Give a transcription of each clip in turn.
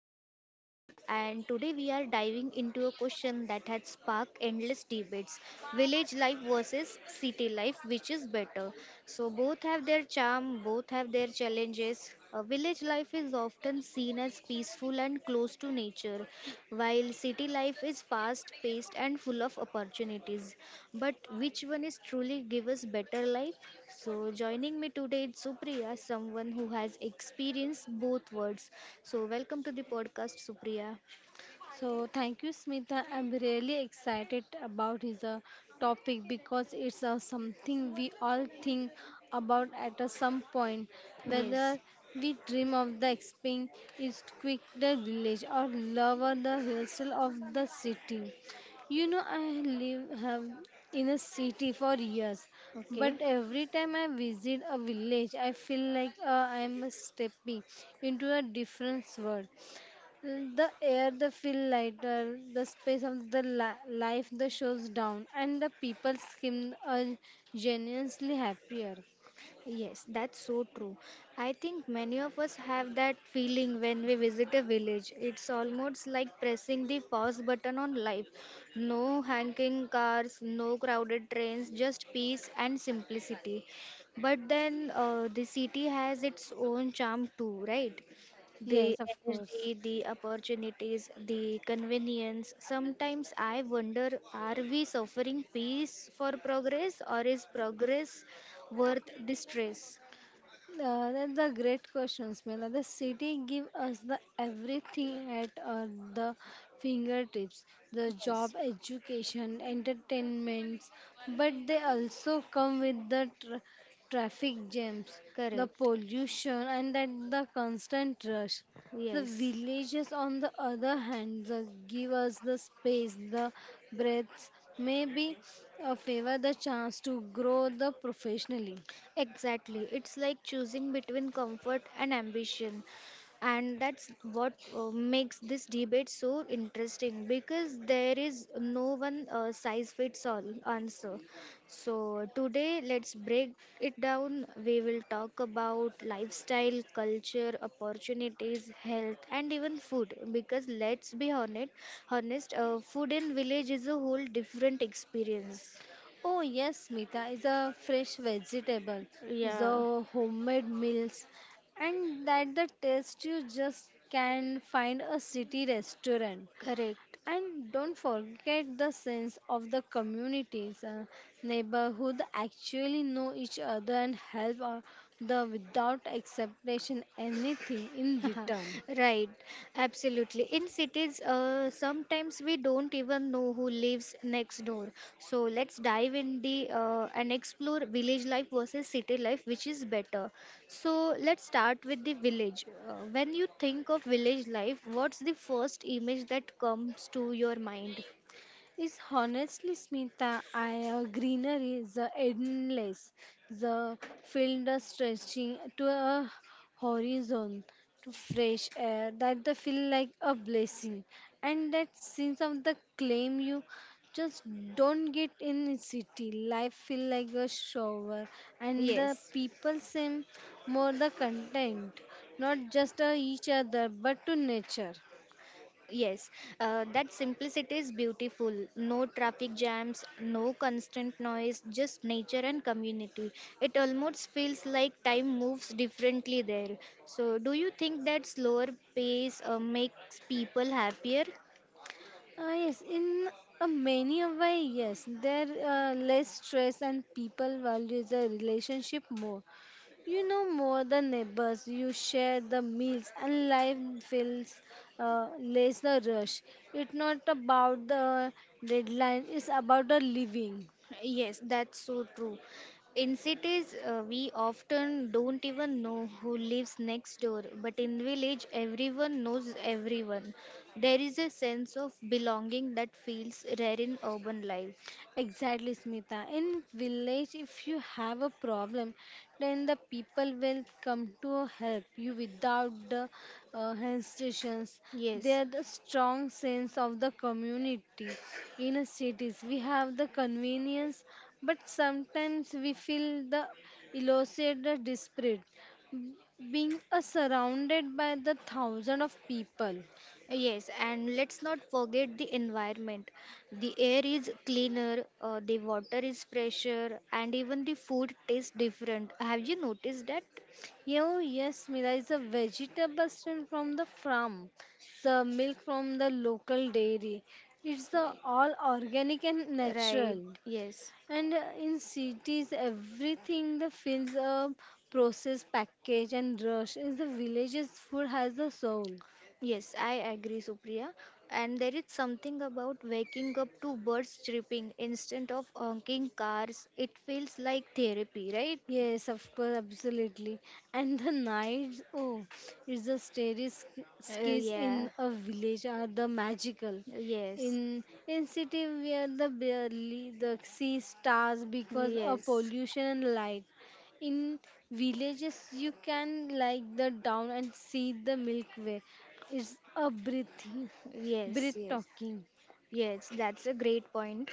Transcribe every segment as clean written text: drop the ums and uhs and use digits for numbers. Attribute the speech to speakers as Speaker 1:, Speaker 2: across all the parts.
Speaker 1: your host Smita and today we are diving into a question that has sparked endless debates. Village life versus city life, which is better? So both have their charm, both have their challenges, village life is often seen as peaceful and close to nature, while city life is fast paced and full of opportunities. But which one is truly give us better life? So joining me today is Supriya, someone who has experienced both worlds. So welcome to the podcast, Supriya.
Speaker 2: So thank you, Smita. I'm really excited about his topic because it's something we all think about at a some point,
Speaker 1: Yes.
Speaker 2: whether we dream of the exping is quick the village or love or the hustle of the city. You know, I live have in a city for years, but
Speaker 1: Okay.
Speaker 2: every time I visit a village, I feel like I'm stepping into a different world. The air, the feel lighter, the space of the life, the shows down, and the people skin are genuinely happier.
Speaker 1: Yes, that's so true. I think many of us have that feeling when we visit a village. It's almost like pressing the pause button on life. No honking cars, no crowded trains, just peace and simplicity. But then the city has its own charm too, right? The
Speaker 2: Yes, of course.
Speaker 1: energy, the opportunities, the convenience. Sometimes I wonder, are we suffering peace for progress or is progress worth distress.
Speaker 2: That's a great question, Smela. The city give us the everything at the fingertips, the
Speaker 1: Yes.
Speaker 2: job, education, entertainments, but they also come with the traffic jams, the
Speaker 1: Correct.
Speaker 2: pollution, and that the constant rush. The
Speaker 1: Yes.
Speaker 2: villages, on the other hand, the give us the space, the breaths, maybe a favor the chance to grow the professionally.
Speaker 1: Exactly. It's like choosing between comfort and ambition. And that's what makes this debate so interesting because there is no one size fits all answer. So, today let's break it down. We will talk about lifestyle, culture, opportunities, health, and even food because let's be honest, honest food in village is a whole different experience.
Speaker 2: Oh yes, Smita is a fresh vegetable,
Speaker 1: Yeah.
Speaker 2: the homemade meals, and that the taste you just can find a city restaurant.
Speaker 1: Correct.
Speaker 2: And don't forget the sense of the communities, neighborhood actually know each other and help the without expectation anything in return.
Speaker 1: Right, absolutely. In cities, sometimes we don't even know who lives next door. So let's dive in the and explore village life versus city life, which is better. So let's start with the village. When you think of village life, what's the first image that comes to your mind?
Speaker 2: Is honestly Smita, I greenery is endless. The field is stretching to a horizon, to fresh air that they feel like a blessing, and that sense of the claim you just don't get in city. Life feel like a shower, and the
Speaker 1: Yes.
Speaker 2: people seem more the content, not just to each other but to nature.
Speaker 1: Yes, that simplicity is beautiful. No traffic jams, no constant noise, just nature and community. It almost feels like time moves differently there. So, do you think that slower pace makes people happier?
Speaker 2: Yes, in a many a way, yes. There less stress and people value the relationship more. You know more the neighbors, you share the meals, and life feels less the rush. It's not about the deadline, it's about the living.
Speaker 1: Yes, that's so true. In cities, we often don't even know who lives next door, but in village, everyone knows everyone. There is a sense of belonging that feels rare in urban life.
Speaker 2: Exactly, Smita. In village, if you have a problem, then the people will come to help you without the hesitations.
Speaker 1: Yes,
Speaker 2: There the strong sense of the community. In a cities, we have the convenience, but sometimes we feel the elusive, the desperate, being surrounded by the thousand of people.
Speaker 1: yes, and let's not forget the environment. The air is cleaner, the water is fresher, and even the food tastes different. Have you noticed that?
Speaker 2: Yes, Mira is a vegetable stream from the farm, the milk from the local dairy. It's the all organic and
Speaker 1: Right,
Speaker 2: natural.
Speaker 1: yes.
Speaker 2: And in cities, everything the feels a processed package and rush. In the villages, food has a soul.
Speaker 1: Yes, I agree, Supriya. And there is something about waking up to birds chirping instead of honking cars. It feels like therapy, right?
Speaker 2: Yes, of course, absolutely. And the nights, oh, it's the starry skies
Speaker 1: Yeah,
Speaker 2: in a village are the magical.
Speaker 1: yes,
Speaker 2: In city, we are the barely the see stars because of
Speaker 1: yes,
Speaker 2: pollution and light. In villages, you can like the down and see the Milky Way. It's a breathing,
Speaker 1: yes,
Speaker 2: breath
Speaker 1: yes.
Speaker 2: talking.
Speaker 1: Yes, that's a great point.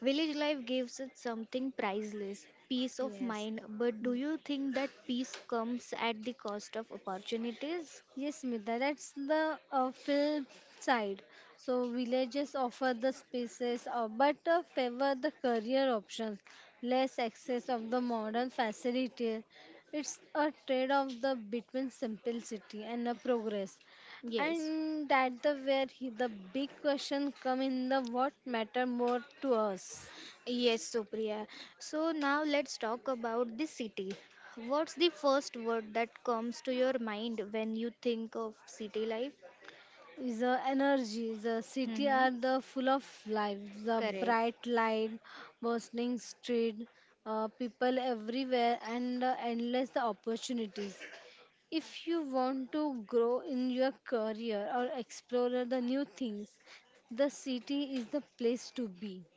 Speaker 1: Village life gives it something priceless peace of
Speaker 2: Yes.
Speaker 1: mind. But do you think that peace comes at the cost of opportunities?
Speaker 2: Yes, Smita, that's the film side. So villages offer the spaces, but favor the career options, less access of the modern facility. It's a trade-off the between simplicity and the progress,
Speaker 1: Yes,
Speaker 2: and that the where he, the big question come in the what matter more to us.
Speaker 1: yes, Supriya. So now let's talk about the city. What's the first word that comes to your mind when you think of city life?
Speaker 2: The energy, the city
Speaker 1: Mm-hmm.
Speaker 2: are the full of life. The
Speaker 1: Correct.
Speaker 2: bright light, bustling street, people everywhere, and endless opportunities. If you want to grow in your career or explore the new things, the city is the place to be.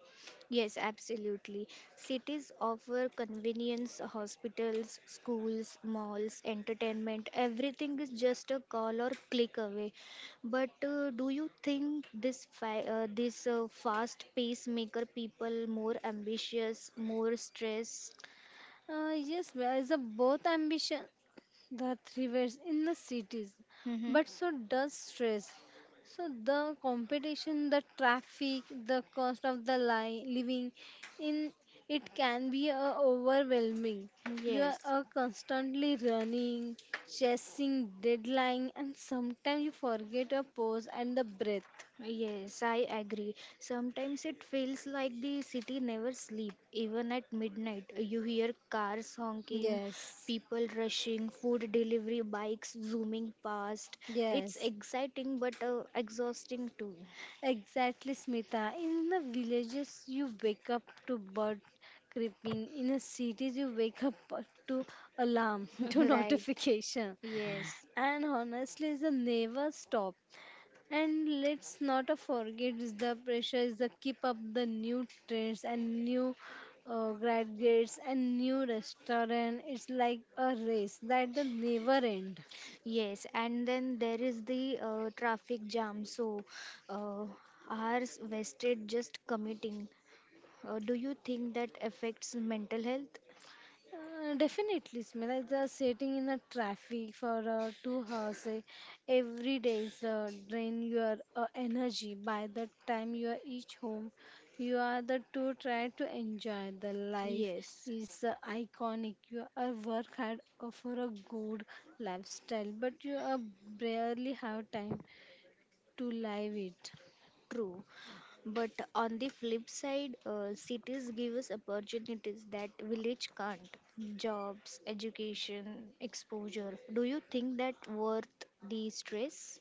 Speaker 1: Yes, absolutely. Cities offer convenience, hospitals, schools, malls, entertainment. Everything is just a call or click away. But do you think this this fast pace maker people more ambitious, more stressed?
Speaker 2: Yes, there is a both ambition that thrives in the cities,
Speaker 1: Mm-hmm.
Speaker 2: but so does stress. So the competition, the traffic, the cost of the living, in it can be overwhelming. You are
Speaker 1: Yes.
Speaker 2: constantly running, chasing deadline, and sometimes you forget your pause and the breath.
Speaker 1: Yes, I agree. Sometimes it feels like the city never sleep. Even at midnight, you hear cars honking,
Speaker 2: Yes,
Speaker 1: people rushing, food delivery bikes zooming past. It's
Speaker 2: yes.
Speaker 1: exciting but exhausting too.
Speaker 2: Exactly, Smita. In the villages, you wake up to bird creeping. In the cities, you wake up to alarm, to
Speaker 1: right.
Speaker 2: notification.
Speaker 1: Yes.
Speaker 2: And honestly, the never stop. And let's not forget is the pressure is the keep up the new trends and new graduates and new restaurant. It's like a race that the never end.
Speaker 1: Yes, and then there is the traffic jam. So, uh, hours wasted just commuting. Do you think that affects mental health?
Speaker 2: Definitely, Smita. Just sitting in the traffic for 2 hours every day is drain your energy. By the time you are each home, you are the two try to enjoy the life
Speaker 1: Yes.
Speaker 2: is iconic. You are work hard for a good lifestyle, but you barely have time to live it.
Speaker 1: True, but on the flip side, cities give us opportunities that village can't. Jobs, education, exposure. Do you think that worth the stress?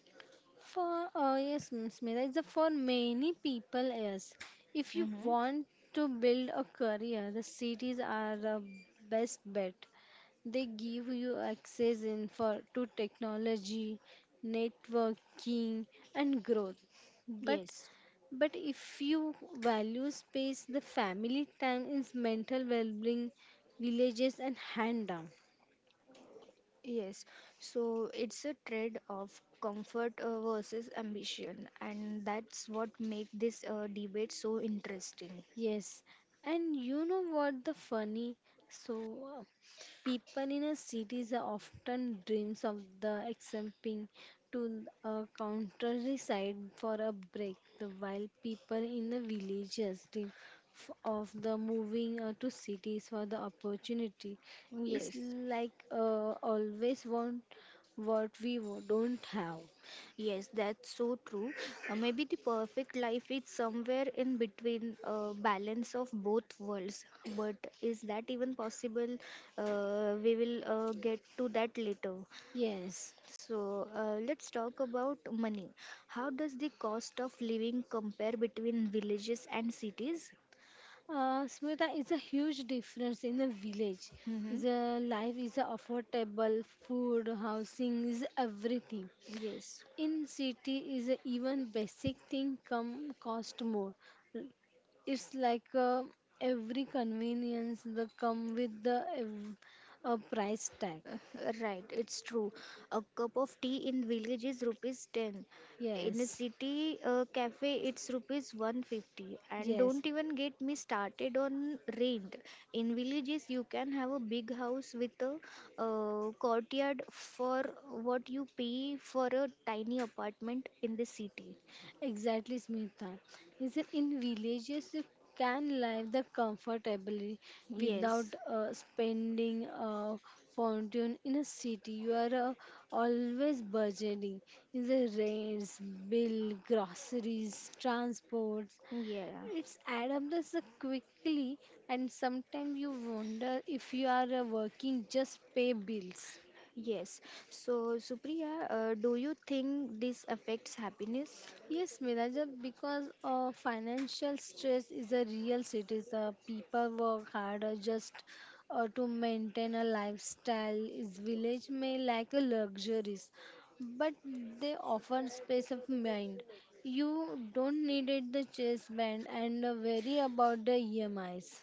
Speaker 2: For yes, Smita, for many people. Yes, if you
Speaker 1: Mm-hmm.
Speaker 2: want to build a career, the cities are the best bet. They give you access in for to technology, networking, and growth. But
Speaker 1: Yes,
Speaker 2: if you value space, the family time is mental well-being, villages, and hand down.
Speaker 1: yes. So it's a trade of comfort versus ambition, and that's what make this debate so interesting.
Speaker 2: Yes, and you know what the funny? So, uh, people in a cities are often dreams of the escaping to a countryside for a break, the while people in the villages dream of the moving to cities for the opportunity. It's
Speaker 1: Yes,
Speaker 2: like always want what we don't have.
Speaker 1: Yes, that's so true. Maybe the perfect life is somewhere in between a balance of both worlds. But is that even possible? We will get to that later.
Speaker 2: Yes.
Speaker 1: So let's talk about money. How does the cost of living compare between villages and cities?
Speaker 2: Smita is a huge difference in the village.
Speaker 1: Mm-hmm.
Speaker 2: Is a life is a affordable, food, housing is everything.
Speaker 1: Yes.
Speaker 2: In city is a even basic thing come cost more. It's like every convenience the come with the a price tag.
Speaker 1: Right, it's true. A cup of tea in village is rupees 10. In a
Speaker 2: Yes,
Speaker 1: city cafe, it's rupees 150. And
Speaker 2: yes.
Speaker 1: don't even get me started on rent. In villages, you can have a big house with a courtyard for what you pay for a tiny apartment in the city.
Speaker 2: Exactly, Smita. Is it in villages you can live the comfortably without
Speaker 1: Yes,
Speaker 2: spending a fortune in a city? You are always budgeting in the rents, bill, groceries, transports.
Speaker 1: yeah,
Speaker 2: It's add up this quickly, and sometimes you wonder if you are working just pay bills.
Speaker 1: yes. So, Supriya, do you think this affects happiness?
Speaker 2: Yes, Miraja, because financial stress is a real cities. People work harder just to maintain a lifestyle. Is village may lack a luxuries, but they offer space of mind. You don't need it the chase band and worry about the EMIs.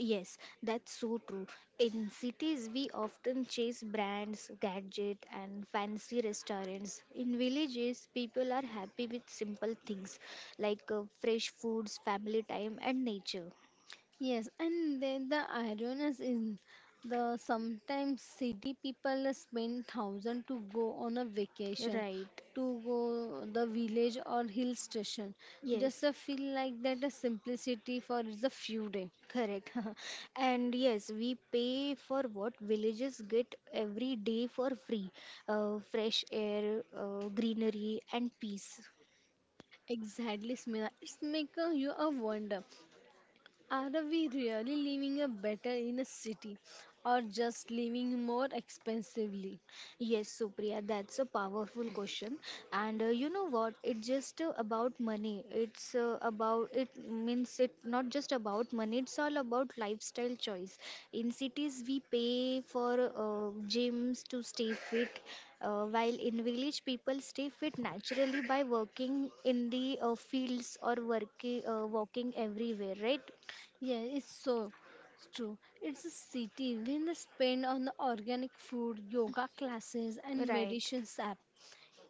Speaker 1: Yes, that's so true. In cities, we often chase brands, gadget, and fancy restaurants. In villages, people are happy with simple things like fresh foods, family time, and nature.
Speaker 2: Yes, and then the ironies is the sometimes city people spend thousand to go on a vacation,
Speaker 1: Right.
Speaker 2: to go the village or hill station. Just
Speaker 1: Yes,
Speaker 2: I feel like that a simplicity for is a few day.
Speaker 1: correct. and yes, we pay for what villages get every day for free fresh air, greenery, and peace.
Speaker 2: Exactly, Smila. It's make a, you a wonder. Are we really living a better in a city, or just living more expensively?
Speaker 1: Yes, Supriya, that's a powerful question. And you know what? It's just about money. It's about, it means it not just about money, it's all about lifestyle choice. In cities, we pay for gyms to stay fit, while in village, people stay fit naturally by working in the fields or working, walking everywhere, right?
Speaker 2: Yeah, it's so true. It's a city when they spend on the organic food, yoga classes, and
Speaker 1: Right.
Speaker 2: meditations app.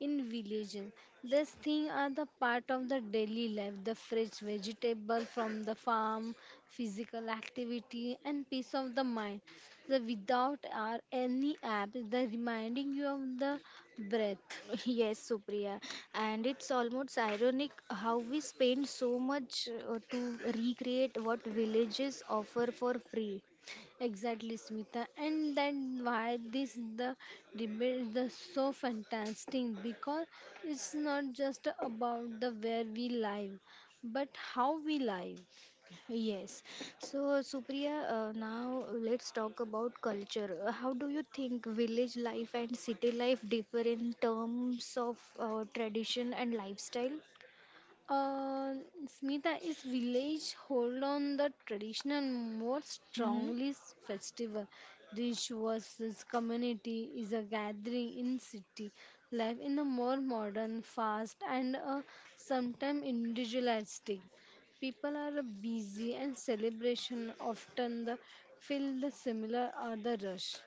Speaker 2: In villages, these things are the part of the daily life. The fresh vegetable from the farm, physical activity, and peace of the mind. The without are any app, the reminding you of the breath.
Speaker 1: Yes, Supriya, and it's almost ironic how we spend so much to recreate what villages offer for free.
Speaker 2: Exactly, Smita, and then why this the debate is so fantastic because it's not just about the where we live, but how we live.
Speaker 1: Yes, so Supriya, now let's talk about culture. How do you think village life and city life differ in terms of tradition and lifestyle?
Speaker 2: Uh, Smita, is village hold on the traditional more
Speaker 1: Hmm.
Speaker 2: strongly festival. This versus community is a gathering in city life in a more modern, fast, and sometimes individualistic. People are busy and celebration often the, feel the similar or the rush.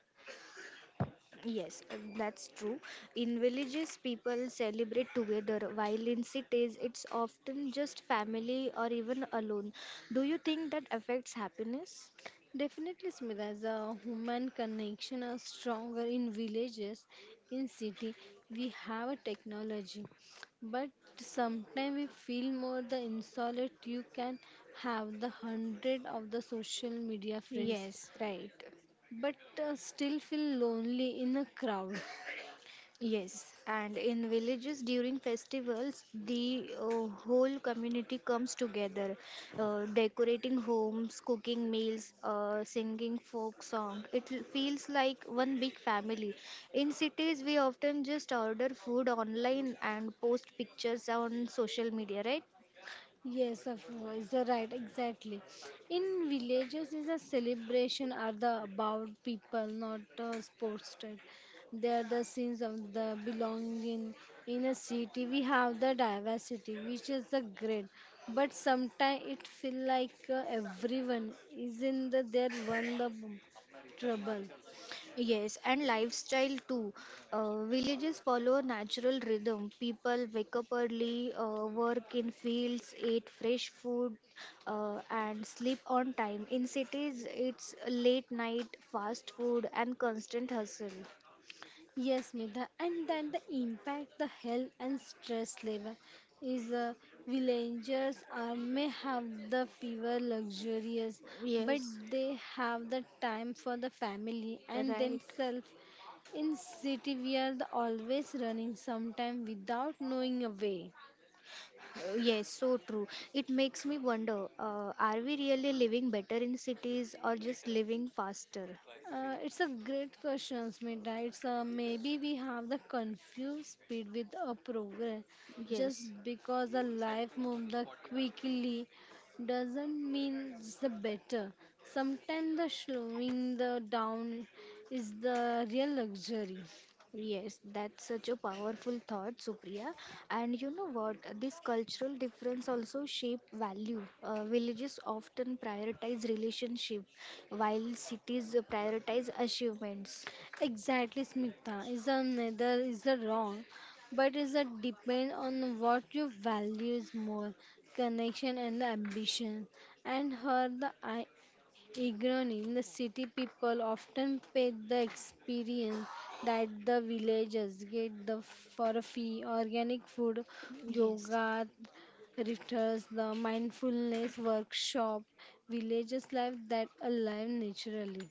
Speaker 1: Yes, that's true. In villages, people celebrate together, while in cities, it's often just family or even alone. Do you think that affects happiness?
Speaker 2: Definitely, Smita, the human connection are stronger in villages. In city, we have a technology, but sometimes we feel more the insolent. You can have the hundred of the social media friends,
Speaker 1: Yes, right.
Speaker 2: but still feel lonely in a crowd.
Speaker 1: Yes, and in villages during festivals, the whole community comes together, decorating homes, cooking meals, singing folk song. It feels like one big family. In cities, we often just order food online and post pictures on social media, right?
Speaker 2: Yes, of course, you're right, exactly. In villages, is a celebration are the about people, not sports. Type. They are the scenes of the belonging. In a city, we have the diversity, which is the great. But sometimes it feel like everyone is in the their one the trouble.
Speaker 1: Yes, and lifestyle too. Villages follow a natural rhythm. People wake up early, work in fields, eat fresh food, and sleep on time. In cities, it's late night, fast food, and constant hustle.
Speaker 2: Yes, Nidha, and then the impact, the health and stress level is villagers are may have the fever luxurious, but
Speaker 1: Yes,
Speaker 2: they have the time for the family and
Speaker 1: right.
Speaker 2: themselves. In city, we are the always running, sometime without knowing a way.
Speaker 1: Yes, so true. It makes me wonder, are we really living better in cities or just living faster?
Speaker 2: It's a great question, Smita. It's maybe we have the confused speed with a progress. Just
Speaker 1: Yes.
Speaker 2: because the life moves the quickly doesn't mean it's the better. Sometimes the slowing the down is the real luxury.
Speaker 1: Yes, that's such a powerful thought, Supriya. And you know what? This cultural difference also shape value. Villages often prioritize relationship, while cities prioritize achievements.
Speaker 2: Exactly, Smita. Is the neither is the wrong, but is a depend on what you values more, connection and the ambition. And her the I. Ignorant in the city, people often pay the experience that the villagers get the for a fee. Organic food,
Speaker 1: Yes,
Speaker 2: yoga rituals, the mindfulness workshop, villagers life that alive naturally.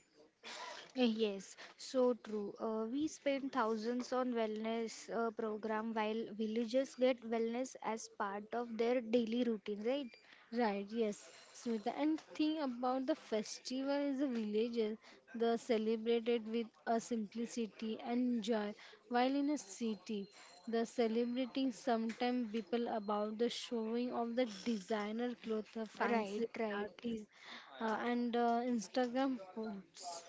Speaker 1: Yes, so true. We spend thousands on wellness program, while villages get wellness as part of their daily routine, right?
Speaker 2: Right, yes, Smita. And thing about the festival is the villages, the celebrated with a simplicity and joy, while in a city, the celebrating sometimes people about the showing of the designer clothes, the fancy
Speaker 1: Right, right.
Speaker 2: parties, and Instagram posts.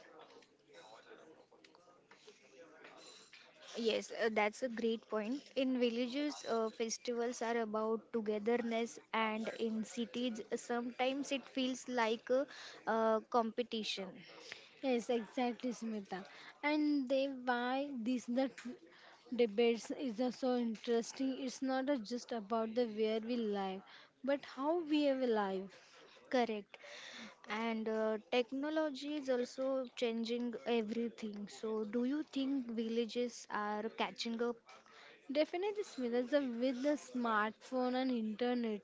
Speaker 1: Yes, that's a great point. In villages, festivals are about togetherness, and in cities, sometimes it feels like a, competition.
Speaker 2: Yes, exactly, Smita. And they why this the debates is so interesting. It's not just about the where we live, but how we have live.
Speaker 1: Correct. And technology is also changing everything. So, do you think villages are catching up?
Speaker 2: Definitely, Smita, the with the smartphone and internet,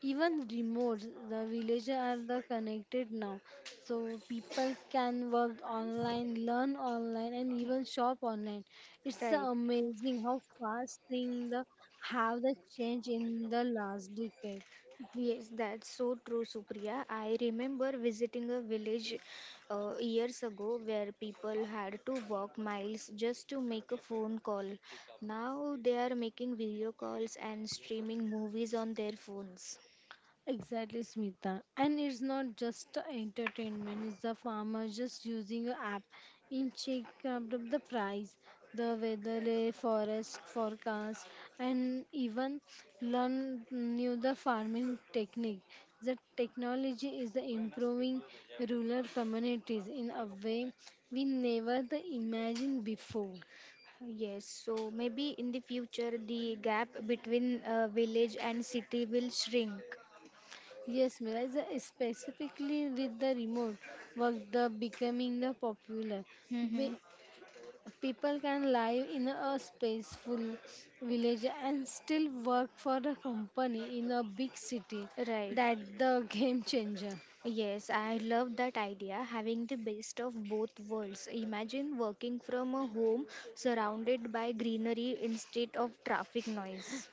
Speaker 2: even remote, the villages are the connected now. So people can work online, learn online, and even shop online. It's
Speaker 1: Right.
Speaker 2: amazing how fast things the, have the change in the last decade.
Speaker 1: Yes, that's so true, Supriya. I remember visiting a village years ago where people had to walk miles just to make a phone call. Now they are making video calls and streaming movies on their phones.
Speaker 2: Exactly, Smita. And it's not just entertainment, it's the farmer just using an app in check up the price, the weather, the forest forecast, and even learn new the farming technique. The technology is improving rural communities in a way we never the imagined before.
Speaker 1: Yes, so maybe in the future the gap between village and city will shrink.
Speaker 2: Yes, Mira, specifically with the remote work, the becoming the popular.
Speaker 1: Mm-hmm.
Speaker 2: People can live in a peaceful village and still work for a company in a big city.
Speaker 1: Right.
Speaker 2: That the game changer.
Speaker 1: Yes, I love that idea, having the best of both worlds. Imagine working from a home surrounded by greenery instead of traffic noise.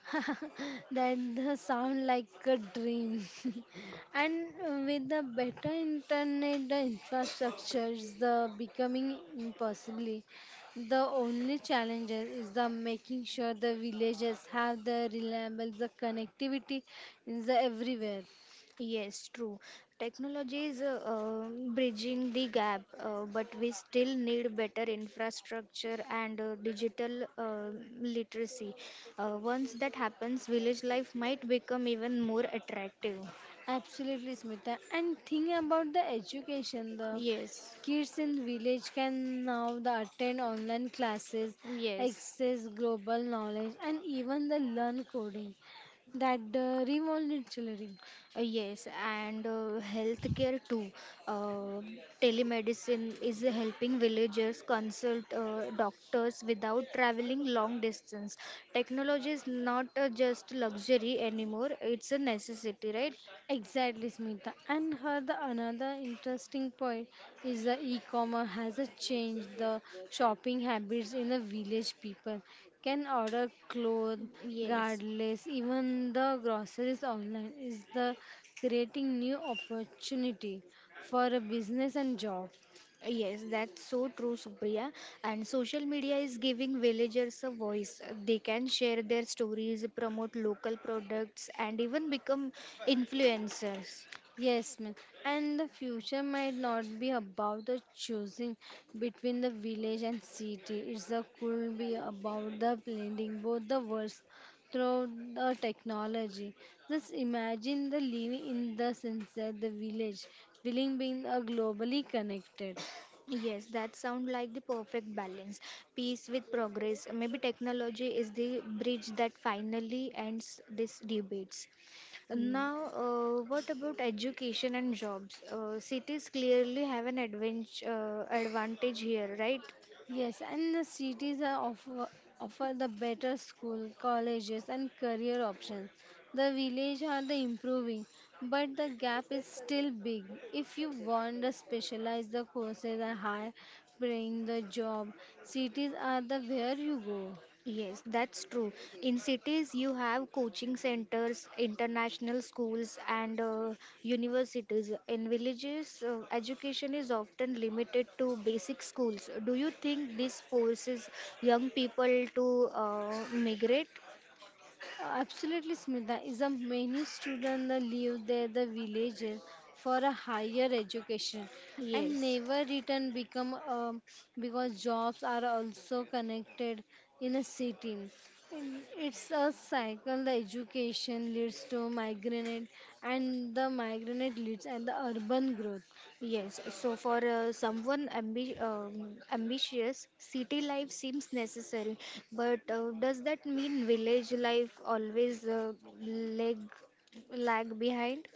Speaker 2: That the sound like a dream. And with the better internet the infrastructure is the becoming impossible. The only challenge is the making sure the villages have the reliable the connectivity is the everywhere.
Speaker 1: Yes, true. Technology is bridging the gap, but we still need better infrastructure and digital literacy. Once that happens, village life might become even more attractive.
Speaker 2: Absolutely, Smita. And think about the education. The
Speaker 1: Yes,
Speaker 2: kids in village can now the attend online classes,
Speaker 1: yes.
Speaker 2: access global knowledge, and even the learn coding. That the revolutionary.
Speaker 1: Yes, and healthcare too. Uh, telemedicine is helping villagers consult doctors without traveling long distance. Technology is not just luxury anymore, it's a necessity, right?
Speaker 2: Exactly, Smita. And her the another interesting point is the e-commerce has a changed the shopping habits in the village. People can order clothes,
Speaker 1: Yes.
Speaker 2: regardless, even the groceries online is the creating new opportunity for a business and job.
Speaker 1: Yes, that's so true, Supriya. And social media is giving villagers a voice. They can share their stories, promote local products, and even become influencers.
Speaker 2: Yes, ma'am. And the future might not be about the choosing between the village and city. It's a could be about the blending both the worlds through the technology. Just imagine the living in the sunset, the village, willing being a globally connected.
Speaker 1: Yes, that sounds like the perfect balance. Peace with progress. Maybe technology is the bridge that finally ends these debates.
Speaker 2: Yeah.
Speaker 1: Now, what about education and jobs? Cities clearly have an advantage, here, right?
Speaker 2: Yes, and the cities are offer, offer the better school, colleges, and career options. The village are the improving, but the gap is still big. If you want to specialize the courses are high, paying the job, cities are the where you go.
Speaker 1: Yes, that's true. In cities, you have coaching centers, international schools, and universities. In villages, education is often limited to basic schools. Do you think this forces young people to migrate?
Speaker 2: Absolutely, Smita. Is a many students that leave their the villages for a higher education and
Speaker 1: Yes,
Speaker 2: never return become because jobs are also connected in a city. And it's a cycle. The education leads to migrant, and the migrant leads and the urban growth.
Speaker 1: yes. So for someone ambitious, city life seems necessary. But does that mean village life always lag lag behind?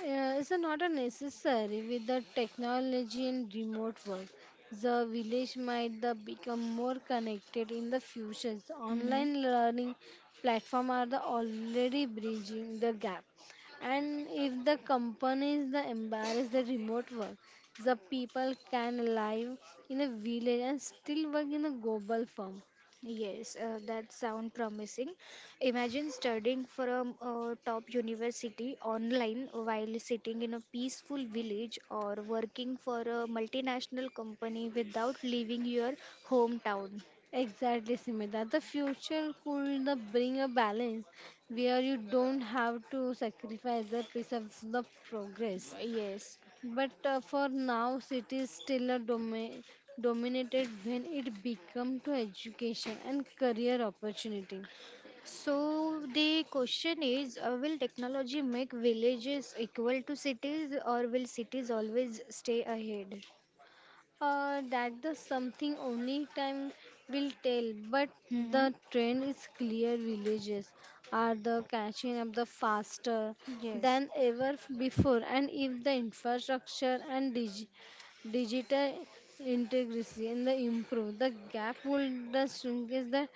Speaker 2: Is not a necessary with the technology and remote work. The village might the become more connected in the future.
Speaker 1: Hmm.
Speaker 2: Online learning platform are the already bridging the gap. And if the companies the embrace the remote work, the people can live in a village and still work in a global firm.
Speaker 1: Yes, that sound promising. Imagine studying from a top university online while sitting in a peaceful village or working for a multinational company without leaving your hometown.
Speaker 2: Exactly, Simita. The future could the bring a balance where you don't have to sacrifice the piece of the progress.
Speaker 1: Yes.
Speaker 2: But for now, cities still are dominated when it becomes to education and career opportunity.
Speaker 1: So the question is, will technology make villages equal to cities or will cities always stay ahead?
Speaker 2: That the something only time will tell, but
Speaker 1: Hmm.
Speaker 2: the trend is clear. Villages are the catching up the faster
Speaker 1: Yes.
Speaker 2: than ever before, and if the infrastructure and digital integrity and the improve, the gap will the shrink is the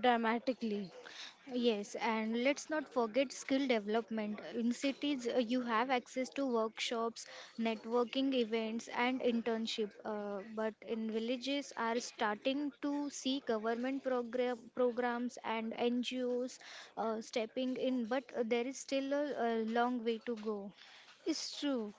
Speaker 2: dramatically.
Speaker 1: Yes, and let's not forget skill development. In cities, you have access to workshops, networking events, and internship. But in villages, are starting to see government programs and NGOs stepping in. But there is still a long way to go.
Speaker 2: It's true,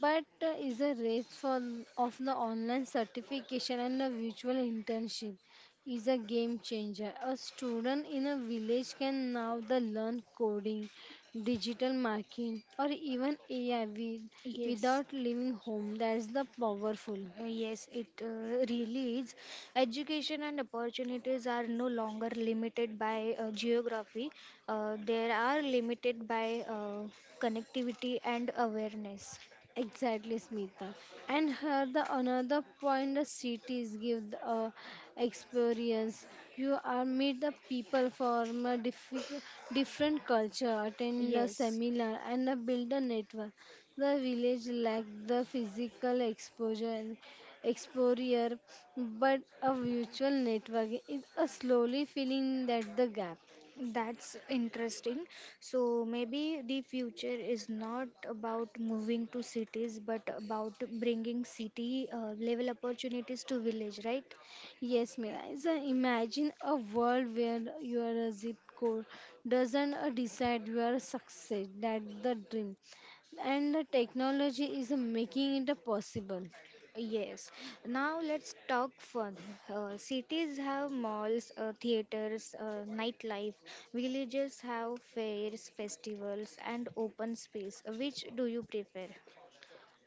Speaker 2: but is a race for of the online certification and the virtual internship is a game changer. A student in a village can now the learn coding, digital marketing, or even AI
Speaker 1: Yes.
Speaker 2: without leaving home. That's the powerful.
Speaker 1: Yes, it really is. Education and opportunities are no longer limited by geography. They are limited by connectivity and awareness.
Speaker 2: Exactly, Smita. And here the another point the cities give the experience. You are meet the people from a different culture, attend a
Speaker 1: Yes,
Speaker 2: seminar, and build a network. The village lack the physical exposure, but a virtual network is a slowly filling that the gap.
Speaker 1: that's interesting. So maybe the future is not about moving to cities, but about bringing city level opportunities to village, right?
Speaker 2: Yes, Miraiza, imagine a world where your zip code doesn't decide your success. That's the dream. And the technology is making it possible.
Speaker 1: Yes. Now let's talk fun. Cities have malls, theaters, nightlife. Villages have fairs, festivals, and open space. Which do you prefer?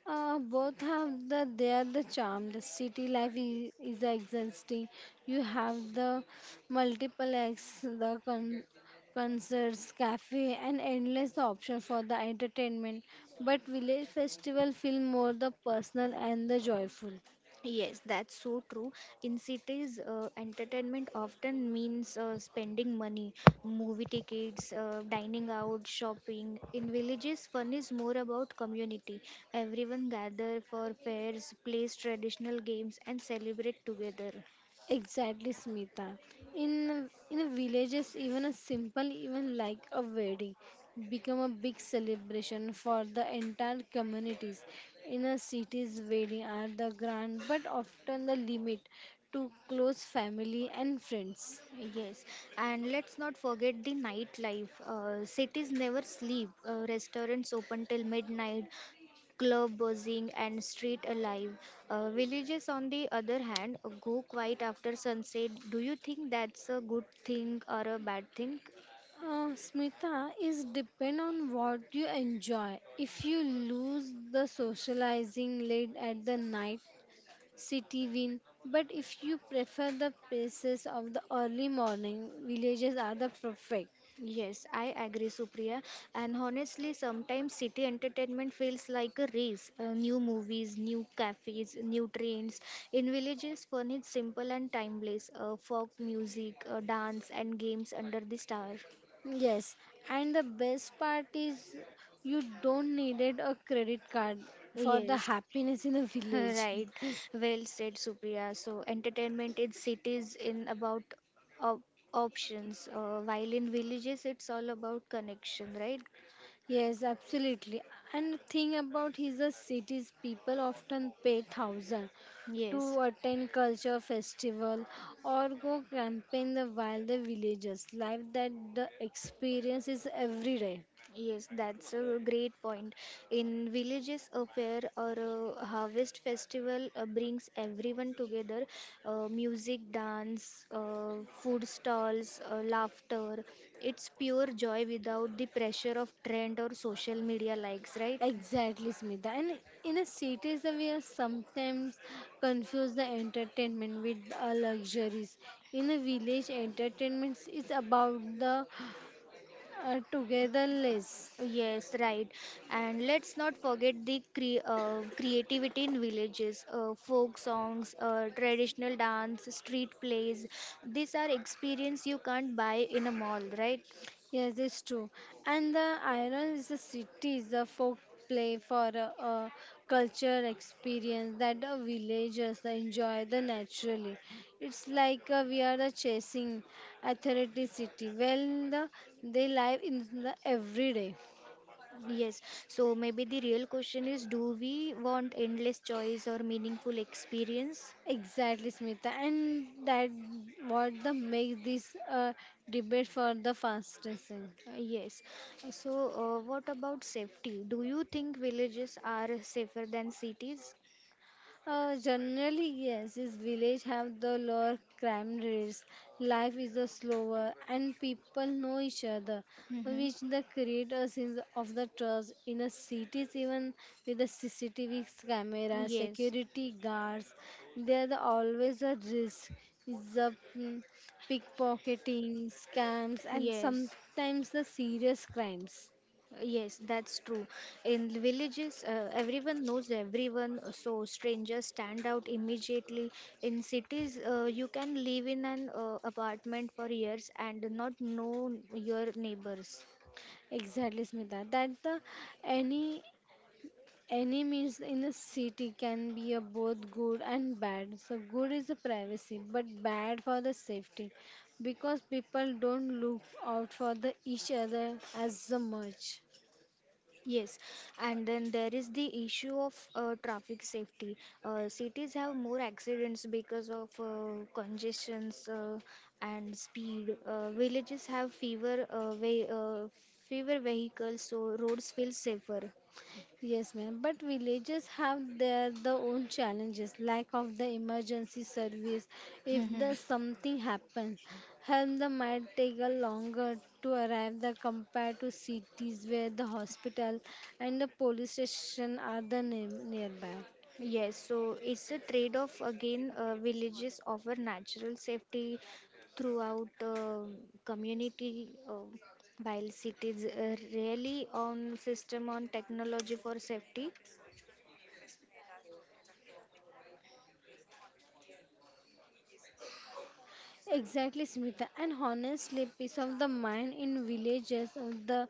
Speaker 2: Both have the they are the charm. The city life is exhausting. You have the multiple acts, the concerts, cafe, and endless option for the entertainment. But village festival feel more the personal and the joyful.
Speaker 1: Yes, that's so true. In cities, entertainment often means spending money, movie tickets, dining out, shopping. In villages, fun is more about community. Everyone gather for fairs, plays traditional games, and celebrate together.
Speaker 2: Exactly, Smita. In villages, even a simple even like a wedding become a big celebration for the entire communities. In a cities, wedding are the grand but often the limit to close family and friends.
Speaker 1: Yes, and let's not forget the nightlife. Cities never sleep. Restaurants open till midnight, club buzzing, and street alive. Villages, on the other hand, go quiet after sunset. Do you think that's a good thing or a bad thing?
Speaker 2: Smita is depend on what you enjoy. If you lose the socializing late at the night, city wind. But if you prefer the places of the early morning, villages are the perfect.
Speaker 1: Yes, I agree, Supriya. And honestly, sometimes city entertainment feels like a race. New movies, new cafes, new trains. In villages, fun is simple and timeless. Folk music, dance, and games under the star.
Speaker 2: Yes, and the best part is you don't needed a credit card for the
Speaker 1: Yes.
Speaker 2: happiness in the village.
Speaker 1: Right. Well said, Supriya. So, entertainment in cities in about op- options, while in villages, it's all about connection, right?
Speaker 2: Yes, absolutely. And the thing about his the cities, people often pay thousand
Speaker 1: Yes.
Speaker 2: to attend culture festival or go camping the while the villages life that the experience is every day.
Speaker 1: Yes, that's a great point. In villages, a fair or a harvest festival brings everyone together. Music, dance, food stalls, laughter. It's pure joy without the pressure of trend or social media likes, right?
Speaker 2: Exactly, Smita. And in a cities, we are sometimes confuse the entertainment with luxuries. In a village, entertainment is about the togetherness.
Speaker 1: Yes, right. And let's not forget the creativity in villages, folk songs, traditional dance, street plays. These are experience you can't buy in a mall, right?
Speaker 2: Yes, it's true. And the iron is the cities, the folk play for a culture experience that the villagers enjoy the naturally. It's like we are the chasing authority city. Well, the, they live in the everyday.
Speaker 1: Yes. So maybe the real question is, do we want endless choice or meaningful experience?
Speaker 2: Exactly, Smita, and that what the make this debate for the fastest.
Speaker 1: Yes. So, what about safety? Do you think villages are safer than cities?
Speaker 2: Generally, yes, this village have the lower crime rates. Life is a slower, and people know each other,
Speaker 1: Mm-hmm.
Speaker 2: which the create a sense of the trust. In a cities, even with the CCTV camera,
Speaker 1: Yes.
Speaker 2: security guards, there are always a risk. The pickpocketing, scams, and
Speaker 1: Yes.
Speaker 2: sometimes the serious crimes.
Speaker 1: Yes, that's true. In the villages, everyone knows everyone, so strangers stand out immediately. In cities, you can live in an apartment for years and not know your neighbors.
Speaker 2: Exactly, Smita. That the any Enemies in a city can be a both good and bad. So good is the privacy, but bad for the safety, because people don't look out for the each other as the much.
Speaker 1: Yes, and then there is the issue of traffic safety. Cities have more accidents because of congestions and speed. Villages have fewer fewer vehicles, so roads feel safer.
Speaker 2: Yes, ma'am. But villages have their the own challenges, lack of the emergency service. If
Speaker 1: Mhm.
Speaker 2: the something happens, help the might take a longer to arrive the compared to cities where the hospital and the police station are the near nearby.
Speaker 1: Yes, so it's a trade off again. Villages offer natural safety throughout community, while cities rarely on system on technology for safety.
Speaker 2: Exactly, Smrita. And honestly, peace of the mind in villages of the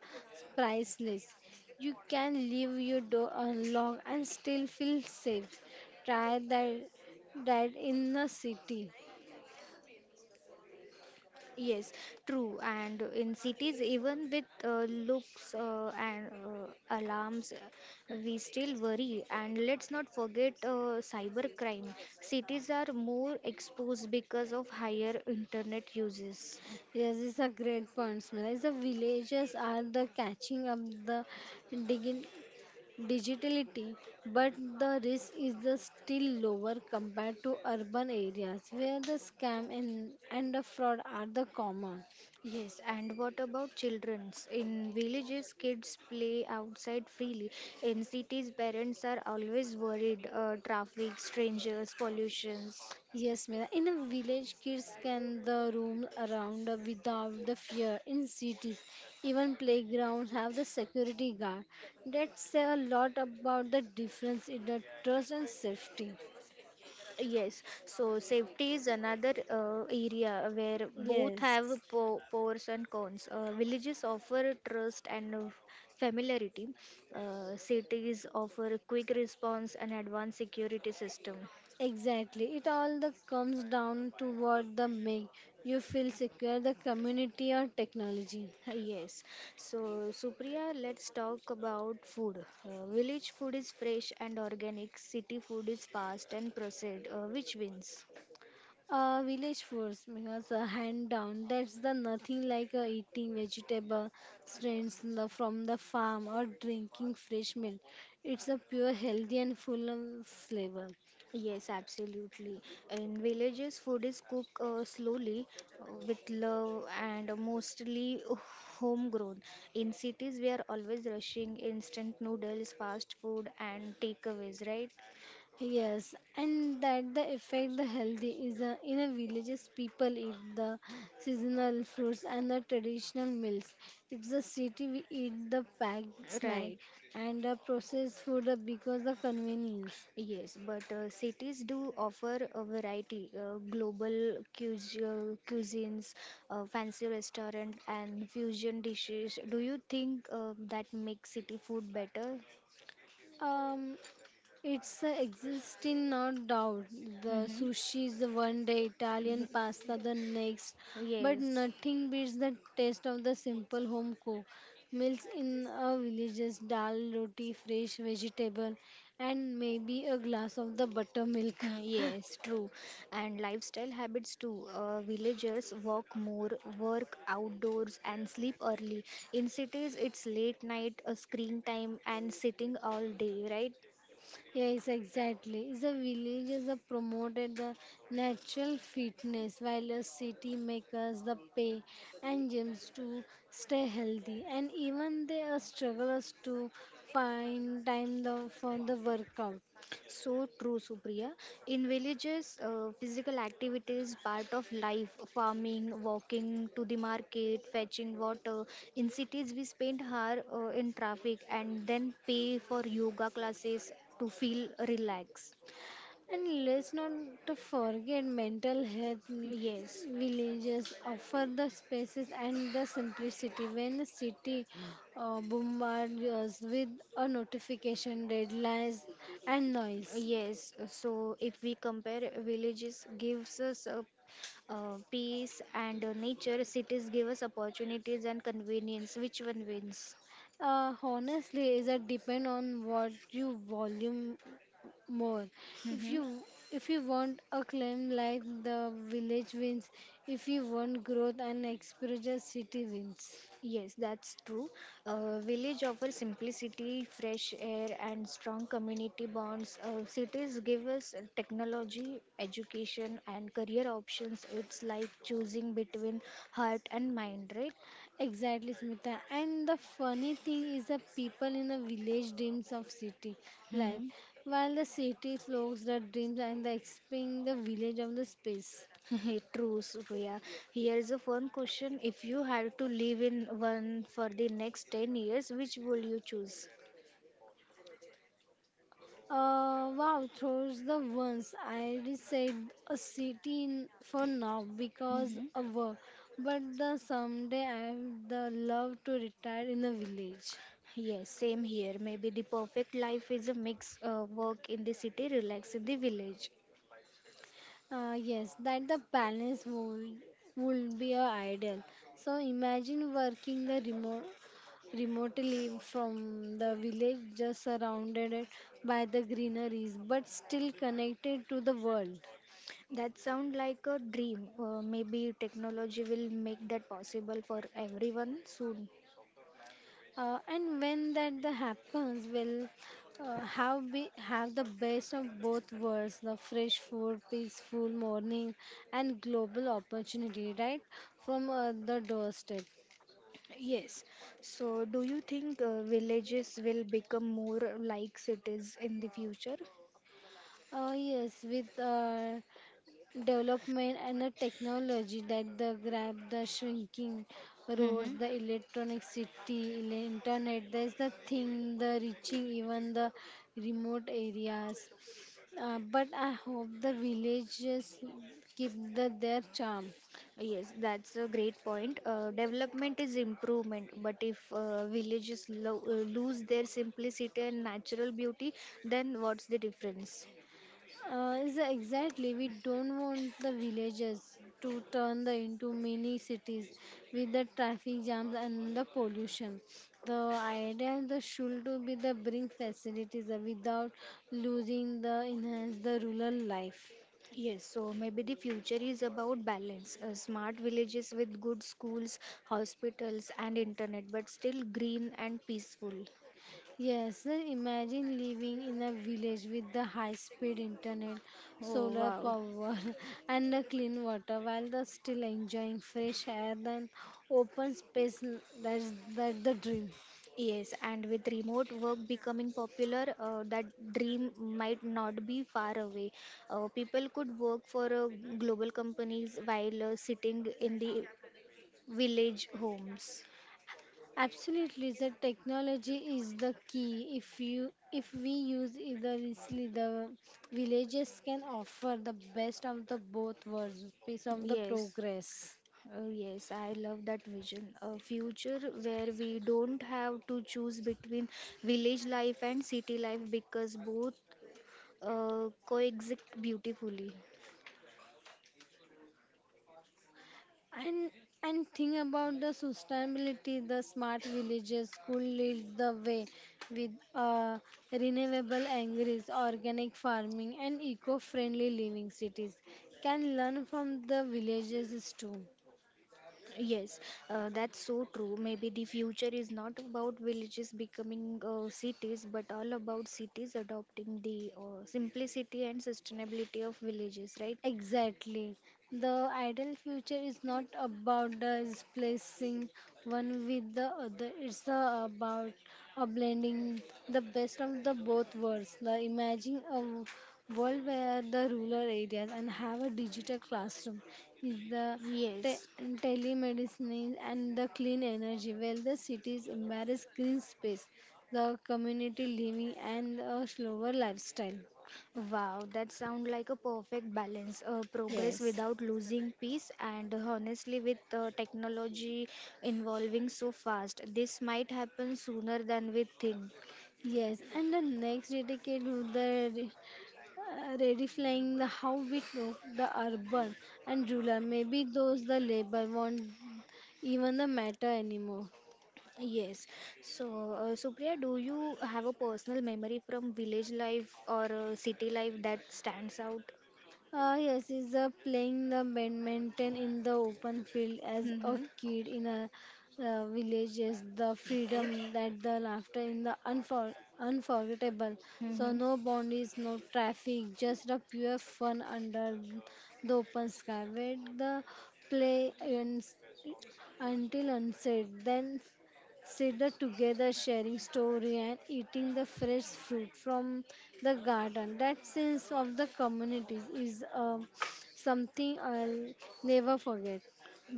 Speaker 2: priceless. You can leave your door unlocked and still feel safe. Try that in the city.
Speaker 1: Yes, true. And in cities, even with looks and alarms, we still worry. And let's not forget cybercrime. Cities are more exposed because of higher internet uses.
Speaker 2: Yes, it's a great point, Smrita. The villages are the catching up the digi- digitality, but the risk is the still lower compared to urban areas where the scam and the fraud are the common.
Speaker 1: Yes, and what about children's? In villages, kids play outside freely. In cities, parents are always worried traffic, strangers, pollutions.
Speaker 2: Yes, Mira. In a village, kids can the roam around without the fear. In cities, even playgrounds have the security guard. That say a lot about the difference in the trust and safety.
Speaker 1: Yes, so safety is another area where both have
Speaker 2: Yes,
Speaker 1: pros and cons. Villages offer trust and familiarity, cities offer quick response and advanced security system.
Speaker 2: exactly. It all the comes down to what the make you feel secure, the community or technology.
Speaker 1: Yes. So, Supriya, let's talk about food. Village food is fresh and organic, city food is fast and processed. Which wins?
Speaker 2: Village foods because hand down that's the nothing like eating vegetable strains in the, from the farm or drinking fresh milk. It's a pure healthy and full of flavor.
Speaker 1: Yes, absolutely. In villages, food is cooked slowly with love and mostly homegrown. In cities, we are always rushing instant noodles, fast food, and takeaways, right?
Speaker 2: Yes, and that the effect the healthy is in a villages people eat the seasonal fruits and the traditional meals. It's the city we eat the packed snack
Speaker 1: Right.
Speaker 2: and the processed food because the convenience.
Speaker 1: Yes, but cities do offer a variety, global cuis- cuisines, fancy restaurant, and fusion dishes. Do you think that makes city food better?
Speaker 2: Um, It's exists in no doubt. The
Speaker 1: Mm-hmm.
Speaker 2: sushi is one day, Italian pasta the next, but
Speaker 1: Yes.
Speaker 2: nothing beats the taste of the simple home cook meals in a villages, dal, roti, fresh vegetable, and maybe a glass of the buttermilk.
Speaker 1: Hmm, yes, true. And lifestyle habits too. Villagers walk more, work outdoors, and sleep early. In cities, it's late night, screen time, and sitting all day, right?
Speaker 2: Yes, exactly. The villages are promoted the natural fitness while a city makers the pay and gyms to stay healthy and even they are struggles to find time the, for the workout.
Speaker 1: So true, Supriya. In villages, physical activity is part of life. Farming, walking to the market, fetching water. In cities, we spend hour in traffic and then pay for yoga classes to feel relaxed.
Speaker 2: And let's not to forget mental health
Speaker 1: Yes,
Speaker 2: villages offer the spaces and the simplicity when the city bombards us with a notification deadlines and noise.
Speaker 1: yes. So if we compare, villages gives us a peace and nature. Cities give us opportunities and convenience. Which one wins?
Speaker 2: Honestly, is that depend on what you volume more. If
Speaker 1: Hmm.
Speaker 2: you if you want a claim like the village wins, if you want growth and exposure, city wins.
Speaker 1: Yes, that's true. Village offer simplicity, fresh air, and strong community bonds. Cities give us technology, education, and career options. It's like choosing between heart and mind, right?
Speaker 2: Exactly, Smita. And the funny thing is the people in the village dreams of city life,
Speaker 1: Mhm.
Speaker 2: while the city flows the dreams and the expanding the village of the space.
Speaker 1: True, Supriya. Here's a fun question. If you had to live in one for the next 10 years, which will you choose?
Speaker 2: Wow, throws the ones I reset a city for now because
Speaker 1: Hmm.
Speaker 2: of work, but the someday I have the love to retire in a village.
Speaker 1: Yes, same here. Maybe the perfect life is a mix work in the city, relax in the village.
Speaker 2: Yes, that the balance would be a ideal. So imagine working the remotely from the village, just surrounded it by the greeneries, but still connected to the world.
Speaker 1: That sounds like a dream. Maybe technology will make that possible for everyone soon.
Speaker 2: And when that the happens, we'll have the best of both worlds: the fresh food, peaceful morning, and global opportunity right from the doorstep.
Speaker 1: Yes. So, do you think villages will become more like cities in the future?
Speaker 2: Yes, with development and the technology that the grab the shrinking roads
Speaker 1: Mm-hmm.
Speaker 2: the electronic city internet there's the thing the reaching even the remote areas but I hope the villages keep the, their charm.
Speaker 1: Yes, that's a great point. Development is improvement, but if villages lose their simplicity and natural beauty, then what's the difference?
Speaker 2: Is exactly we don't want the villages to turn the into mini cities with the traffic jams and the pollution. The idea is the should to be the bring facilities without losing the enhance the rural life.
Speaker 1: Yes, so maybe the future is about balance, smart villages with good schools, hospitals, and internet, but still green and peaceful.
Speaker 2: Yes, sir, imagine living in a village with the high-speed internet,
Speaker 1: Oh,
Speaker 2: solar
Speaker 1: wow.
Speaker 2: power, and the clean water, while the still enjoying fresh air and open space. That's that the dream.
Speaker 1: Yes, and with remote work becoming popular, that dream might not be far away. People could work for global companies while sitting in the village homes.
Speaker 2: Absolutely, the technology is the key. If we use either wisely, the villages can offer the best of the both worlds, piece of the
Speaker 1: Yes.
Speaker 2: progress.
Speaker 1: Oh, yes, I love that vision. A future where we don't have to choose between village life and city life because both coexist beautifully.
Speaker 2: And and think about the sustainability. The smart villages could lead the way with renewable energies, organic farming, and eco-friendly living. Cities can learn from the villages too.
Speaker 1: Yes, that's so true. Maybe the future is not about villages becoming cities, but all about cities adopting the simplicity and sustainability of villages, right?
Speaker 2: Exactly. The ideal future is not about displacing one with the other. It's about blending the best of the both worlds. The imagine a world where the rural areas and have a digital classroom is the
Speaker 1: Yes.
Speaker 2: telemedicine and the clean energy where the cities embrace green space, the community living and a slower lifestyle.
Speaker 1: Wow, that sounds like a perfect balance. Progress
Speaker 2: Yes.
Speaker 1: without losing peace, and honestly, with technology evolving so fast, this might happen sooner than we think.
Speaker 2: Yes, and the next decade, the re- redefining the how we talk the urban and rural. Maybe those the labor won't even the matter anymore.
Speaker 1: Yes. So, Supriya, do you have a personal memory from village life or city life that stands out?
Speaker 2: Yes, is playing the badminton in the open field as a
Speaker 1: Mm-hmm.
Speaker 2: kid in a village is the
Speaker 1: Okay.
Speaker 2: freedom that the laughter in the unforgettable. So
Speaker 1: Mm-hmm.
Speaker 2: no boundaries, no traffic, just a pure fun under the open sky where the play ends until unsaid. Then sit the together sharing story and eating the fresh fruit from the garden that sense of the communities is something I'll never forget.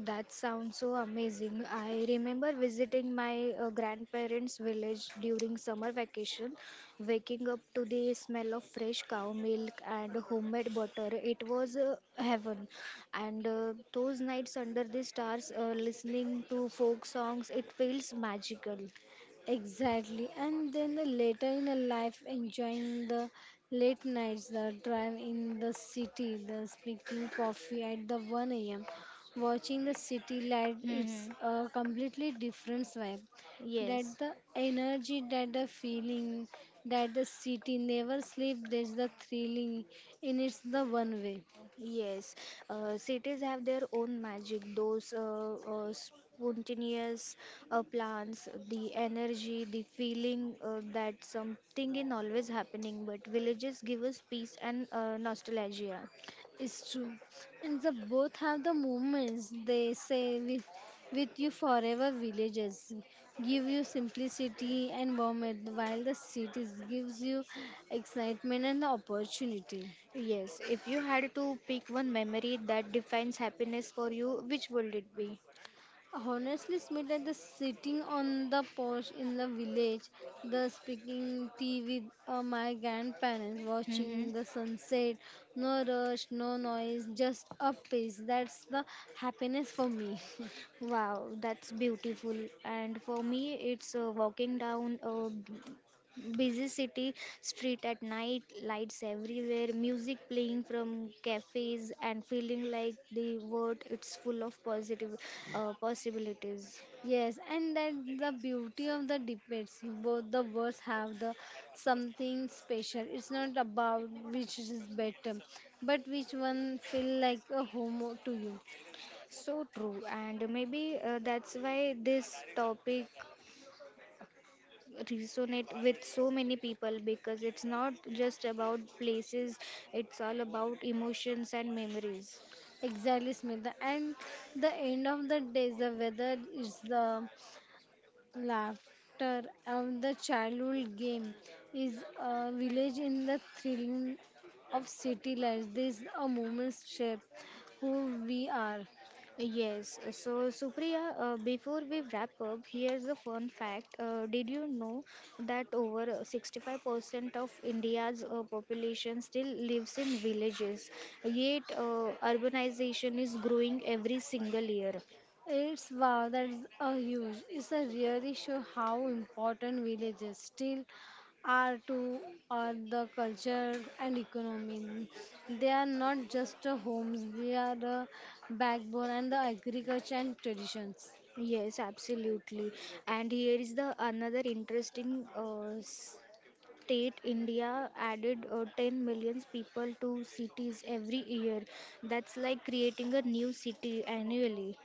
Speaker 1: That sounds so amazing. I remember visiting my grandparents' village during summer vacation, waking up to the smell of fresh cow milk and homemade butter. It was heaven. And those nights under the stars, listening to folk songs, it feels magical.
Speaker 2: Exactly. And then the later in the life, enjoying the late nights, the drive in the city, the speaking coffee at the 1 a.m., watching the city light, it's
Speaker 1: Mm-hmm.
Speaker 2: a completely different vibe.
Speaker 1: Yes.
Speaker 2: That the energy, that the feeling, that the city never sleep, there's the thrilling in it's the one way.
Speaker 1: Yes, cities have their own magic. Those spontaneous plans, the energy, the feeling that something is always happening. But villages give us peace and nostalgia.
Speaker 2: It's true. And the both have the moments they say with you forever villages give you simplicity and warmth while the cities gives you excitement and the opportunity.
Speaker 1: Yes, if you had to pick one memory that defines happiness for you, which would it be?
Speaker 2: Honestly, Smita, the sitting on the porch in the village, the speaking tea with my grandparents,
Speaker 1: Mm-hmm.
Speaker 2: watching the sunset, no rush, no noise, just a peace. That's the happiness for me.
Speaker 1: Wow, that's beautiful. And for me, it's walking down a busy city street at night, lights everywhere, music playing from cafes, and feeling like the world it's full of positive possibilities.
Speaker 2: Yes, and that's the beauty of the debates. Both the words have the something special. It's not about which is better, but which one feel like a home to you.
Speaker 1: So true, and maybe that's why this topic resonate with so many people because it's not just about places, it's all about emotions and memories.
Speaker 2: Exactly, Smita. And the end of the day, the weather is the laughter of the childhood game is a village in the thrilling of city life. This a moment shape who we are.
Speaker 1: Yes, so Supriya, before we wrap up, here's a fun fact. Did you know that over 65% of India's population still lives in villages? Yet, urbanization is growing every single year.
Speaker 2: It's wow, that's a huge. It's a really show how important villages still are to our the culture and economy. They are not just a homes; they are the backbone and the agriculture and traditions.
Speaker 1: Yes, absolutely. And here is the another interesting state India added 10 million people to cities every year. That's like creating a new city annually.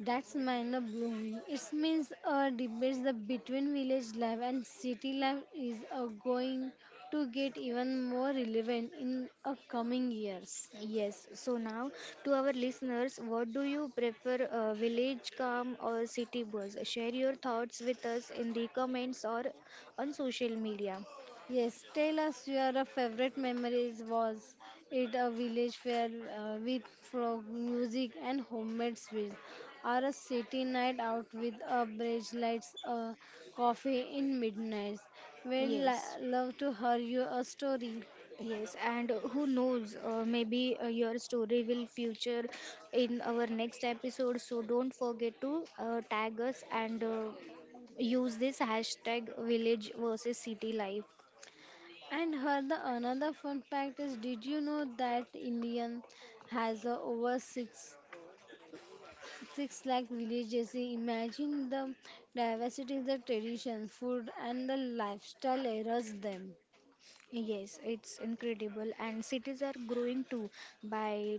Speaker 2: That's mind blowing. It means a debate the between village life and city life is going to get even more relevant in coming years.
Speaker 1: Yes, so now to our listeners, what do you prefer, village calm or city buzz? Share your thoughts with us in the comments or on social media.
Speaker 2: Yes, tell us your favorite memories. Was it a village fair with folk music and homemade sweets, or a city night out with a bridge lights, a coffee in midnight?
Speaker 1: Yes,
Speaker 2: Love to hear your story.
Speaker 1: yes, and who knows, maybe your story will feature in our next episode. So don't forget to tag us and use this hashtag village versus city life.
Speaker 2: And her the another fun fact is, did you know that Indian has over six lakh villages. Imagine the diversity, the tradition, food, and the lifestyle eras them.
Speaker 1: Yes, it's incredible, and cities are growing too. By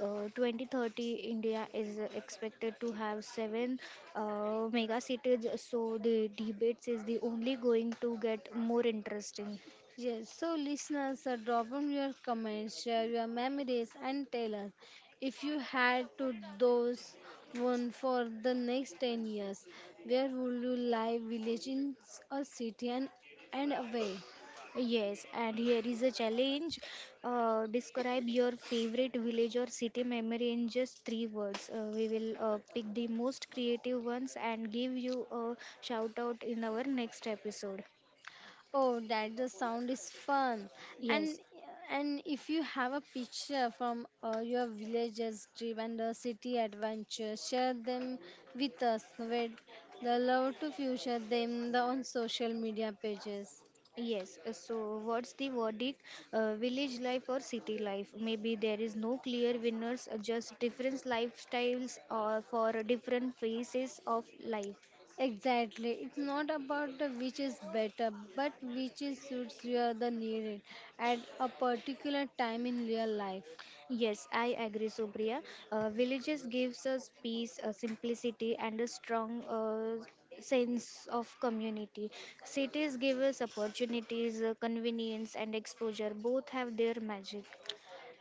Speaker 1: 2030, India is expected to have seven mega cities, so the debates is the only going to get more interesting.
Speaker 2: Yes, so listeners, drop in your comments, share your memories, and tell us if you had to those one for the next 10 years, where would you live, village in a city and away?
Speaker 1: Yes, and here is a challenge. Describe your favorite village or city memory in just three words. We will pick the most creative ones and give you a shout out in our next episode.
Speaker 2: Oh, that the sound is fun. And
Speaker 1: Yes,
Speaker 2: and if you have a picture from your villages trip and the city adventure, share them with us. We'd the love to feature them the, on social media pages.
Speaker 1: yes, so what's the verdict? Village life or city life? Maybe there is no clear winners, just different lifestyles or for different phases of life.
Speaker 2: Exactly. It's not about the which is better, but which is suits your the needed at a particular time in your life.
Speaker 1: Yes, I agree, Supriya. Villages gives us peace, simplicity, and a strong sense of community. Cities give us opportunities, convenience, and exposure. Both have their magic.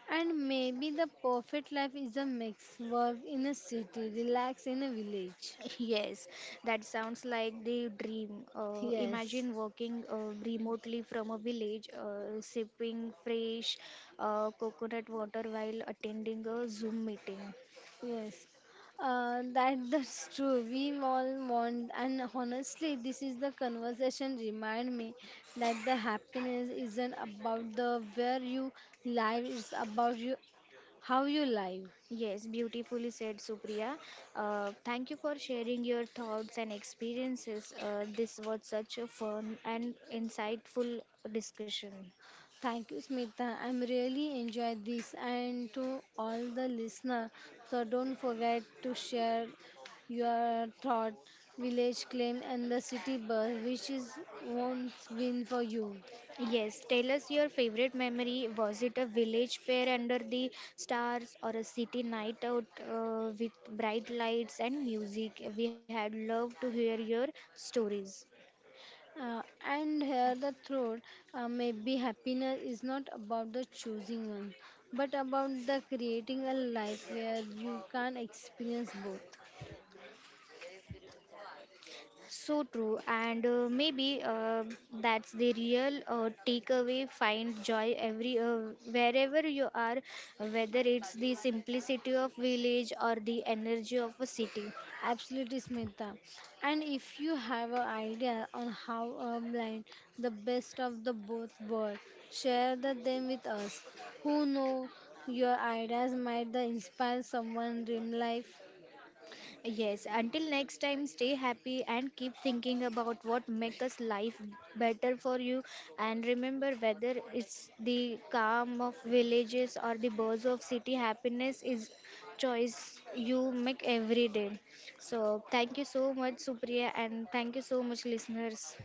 Speaker 2: And maybe the perfect life is a mix. Work in a city, relax in a village.
Speaker 1: Yes, that sounds like the dream.
Speaker 2: Yes,
Speaker 1: Imagine working remotely from a village, sipping fresh coconut water while attending a Zoom meeting.
Speaker 2: yes. That that's true. We all want, and honestly, this is the conversation remind me that the happiness isn't about the where you live. It's about you how you live.
Speaker 1: Yes, beautifully said, Supriya. Thank you for sharing your thoughts and experiences. This was such a fun and insightful discussion.
Speaker 2: Thank you, Smita. I'm really enjoyed this, and to all the listener. So don't forget to share your thought, village claim, and the city bus, which is won't win for you.
Speaker 1: Yes, tell us your favorite memory. Was it a village fair under the stars or a city night out with bright lights and music? We had loved to hear your stories.
Speaker 2: And here the throat maybe happiness is not about the choosing one but about the creating a life where you can experience both.
Speaker 1: So true, and maybe that's the real takeaway. Find joy every wherever you are, whether it's the simplicity of village or the energy of a city.
Speaker 2: Absolutely, Smita. And if you have an idea on how a blind the best of the both world share the, them with us, who know your ideas might the inspire someone dream life.
Speaker 1: Yes, until next time, stay happy and keep thinking about what makes us life better for you. And remember, whether it's the calm of villages or the buzz of city, happiness is choice you make every day. So thank you so much, Supriya, and thank you so much, listeners.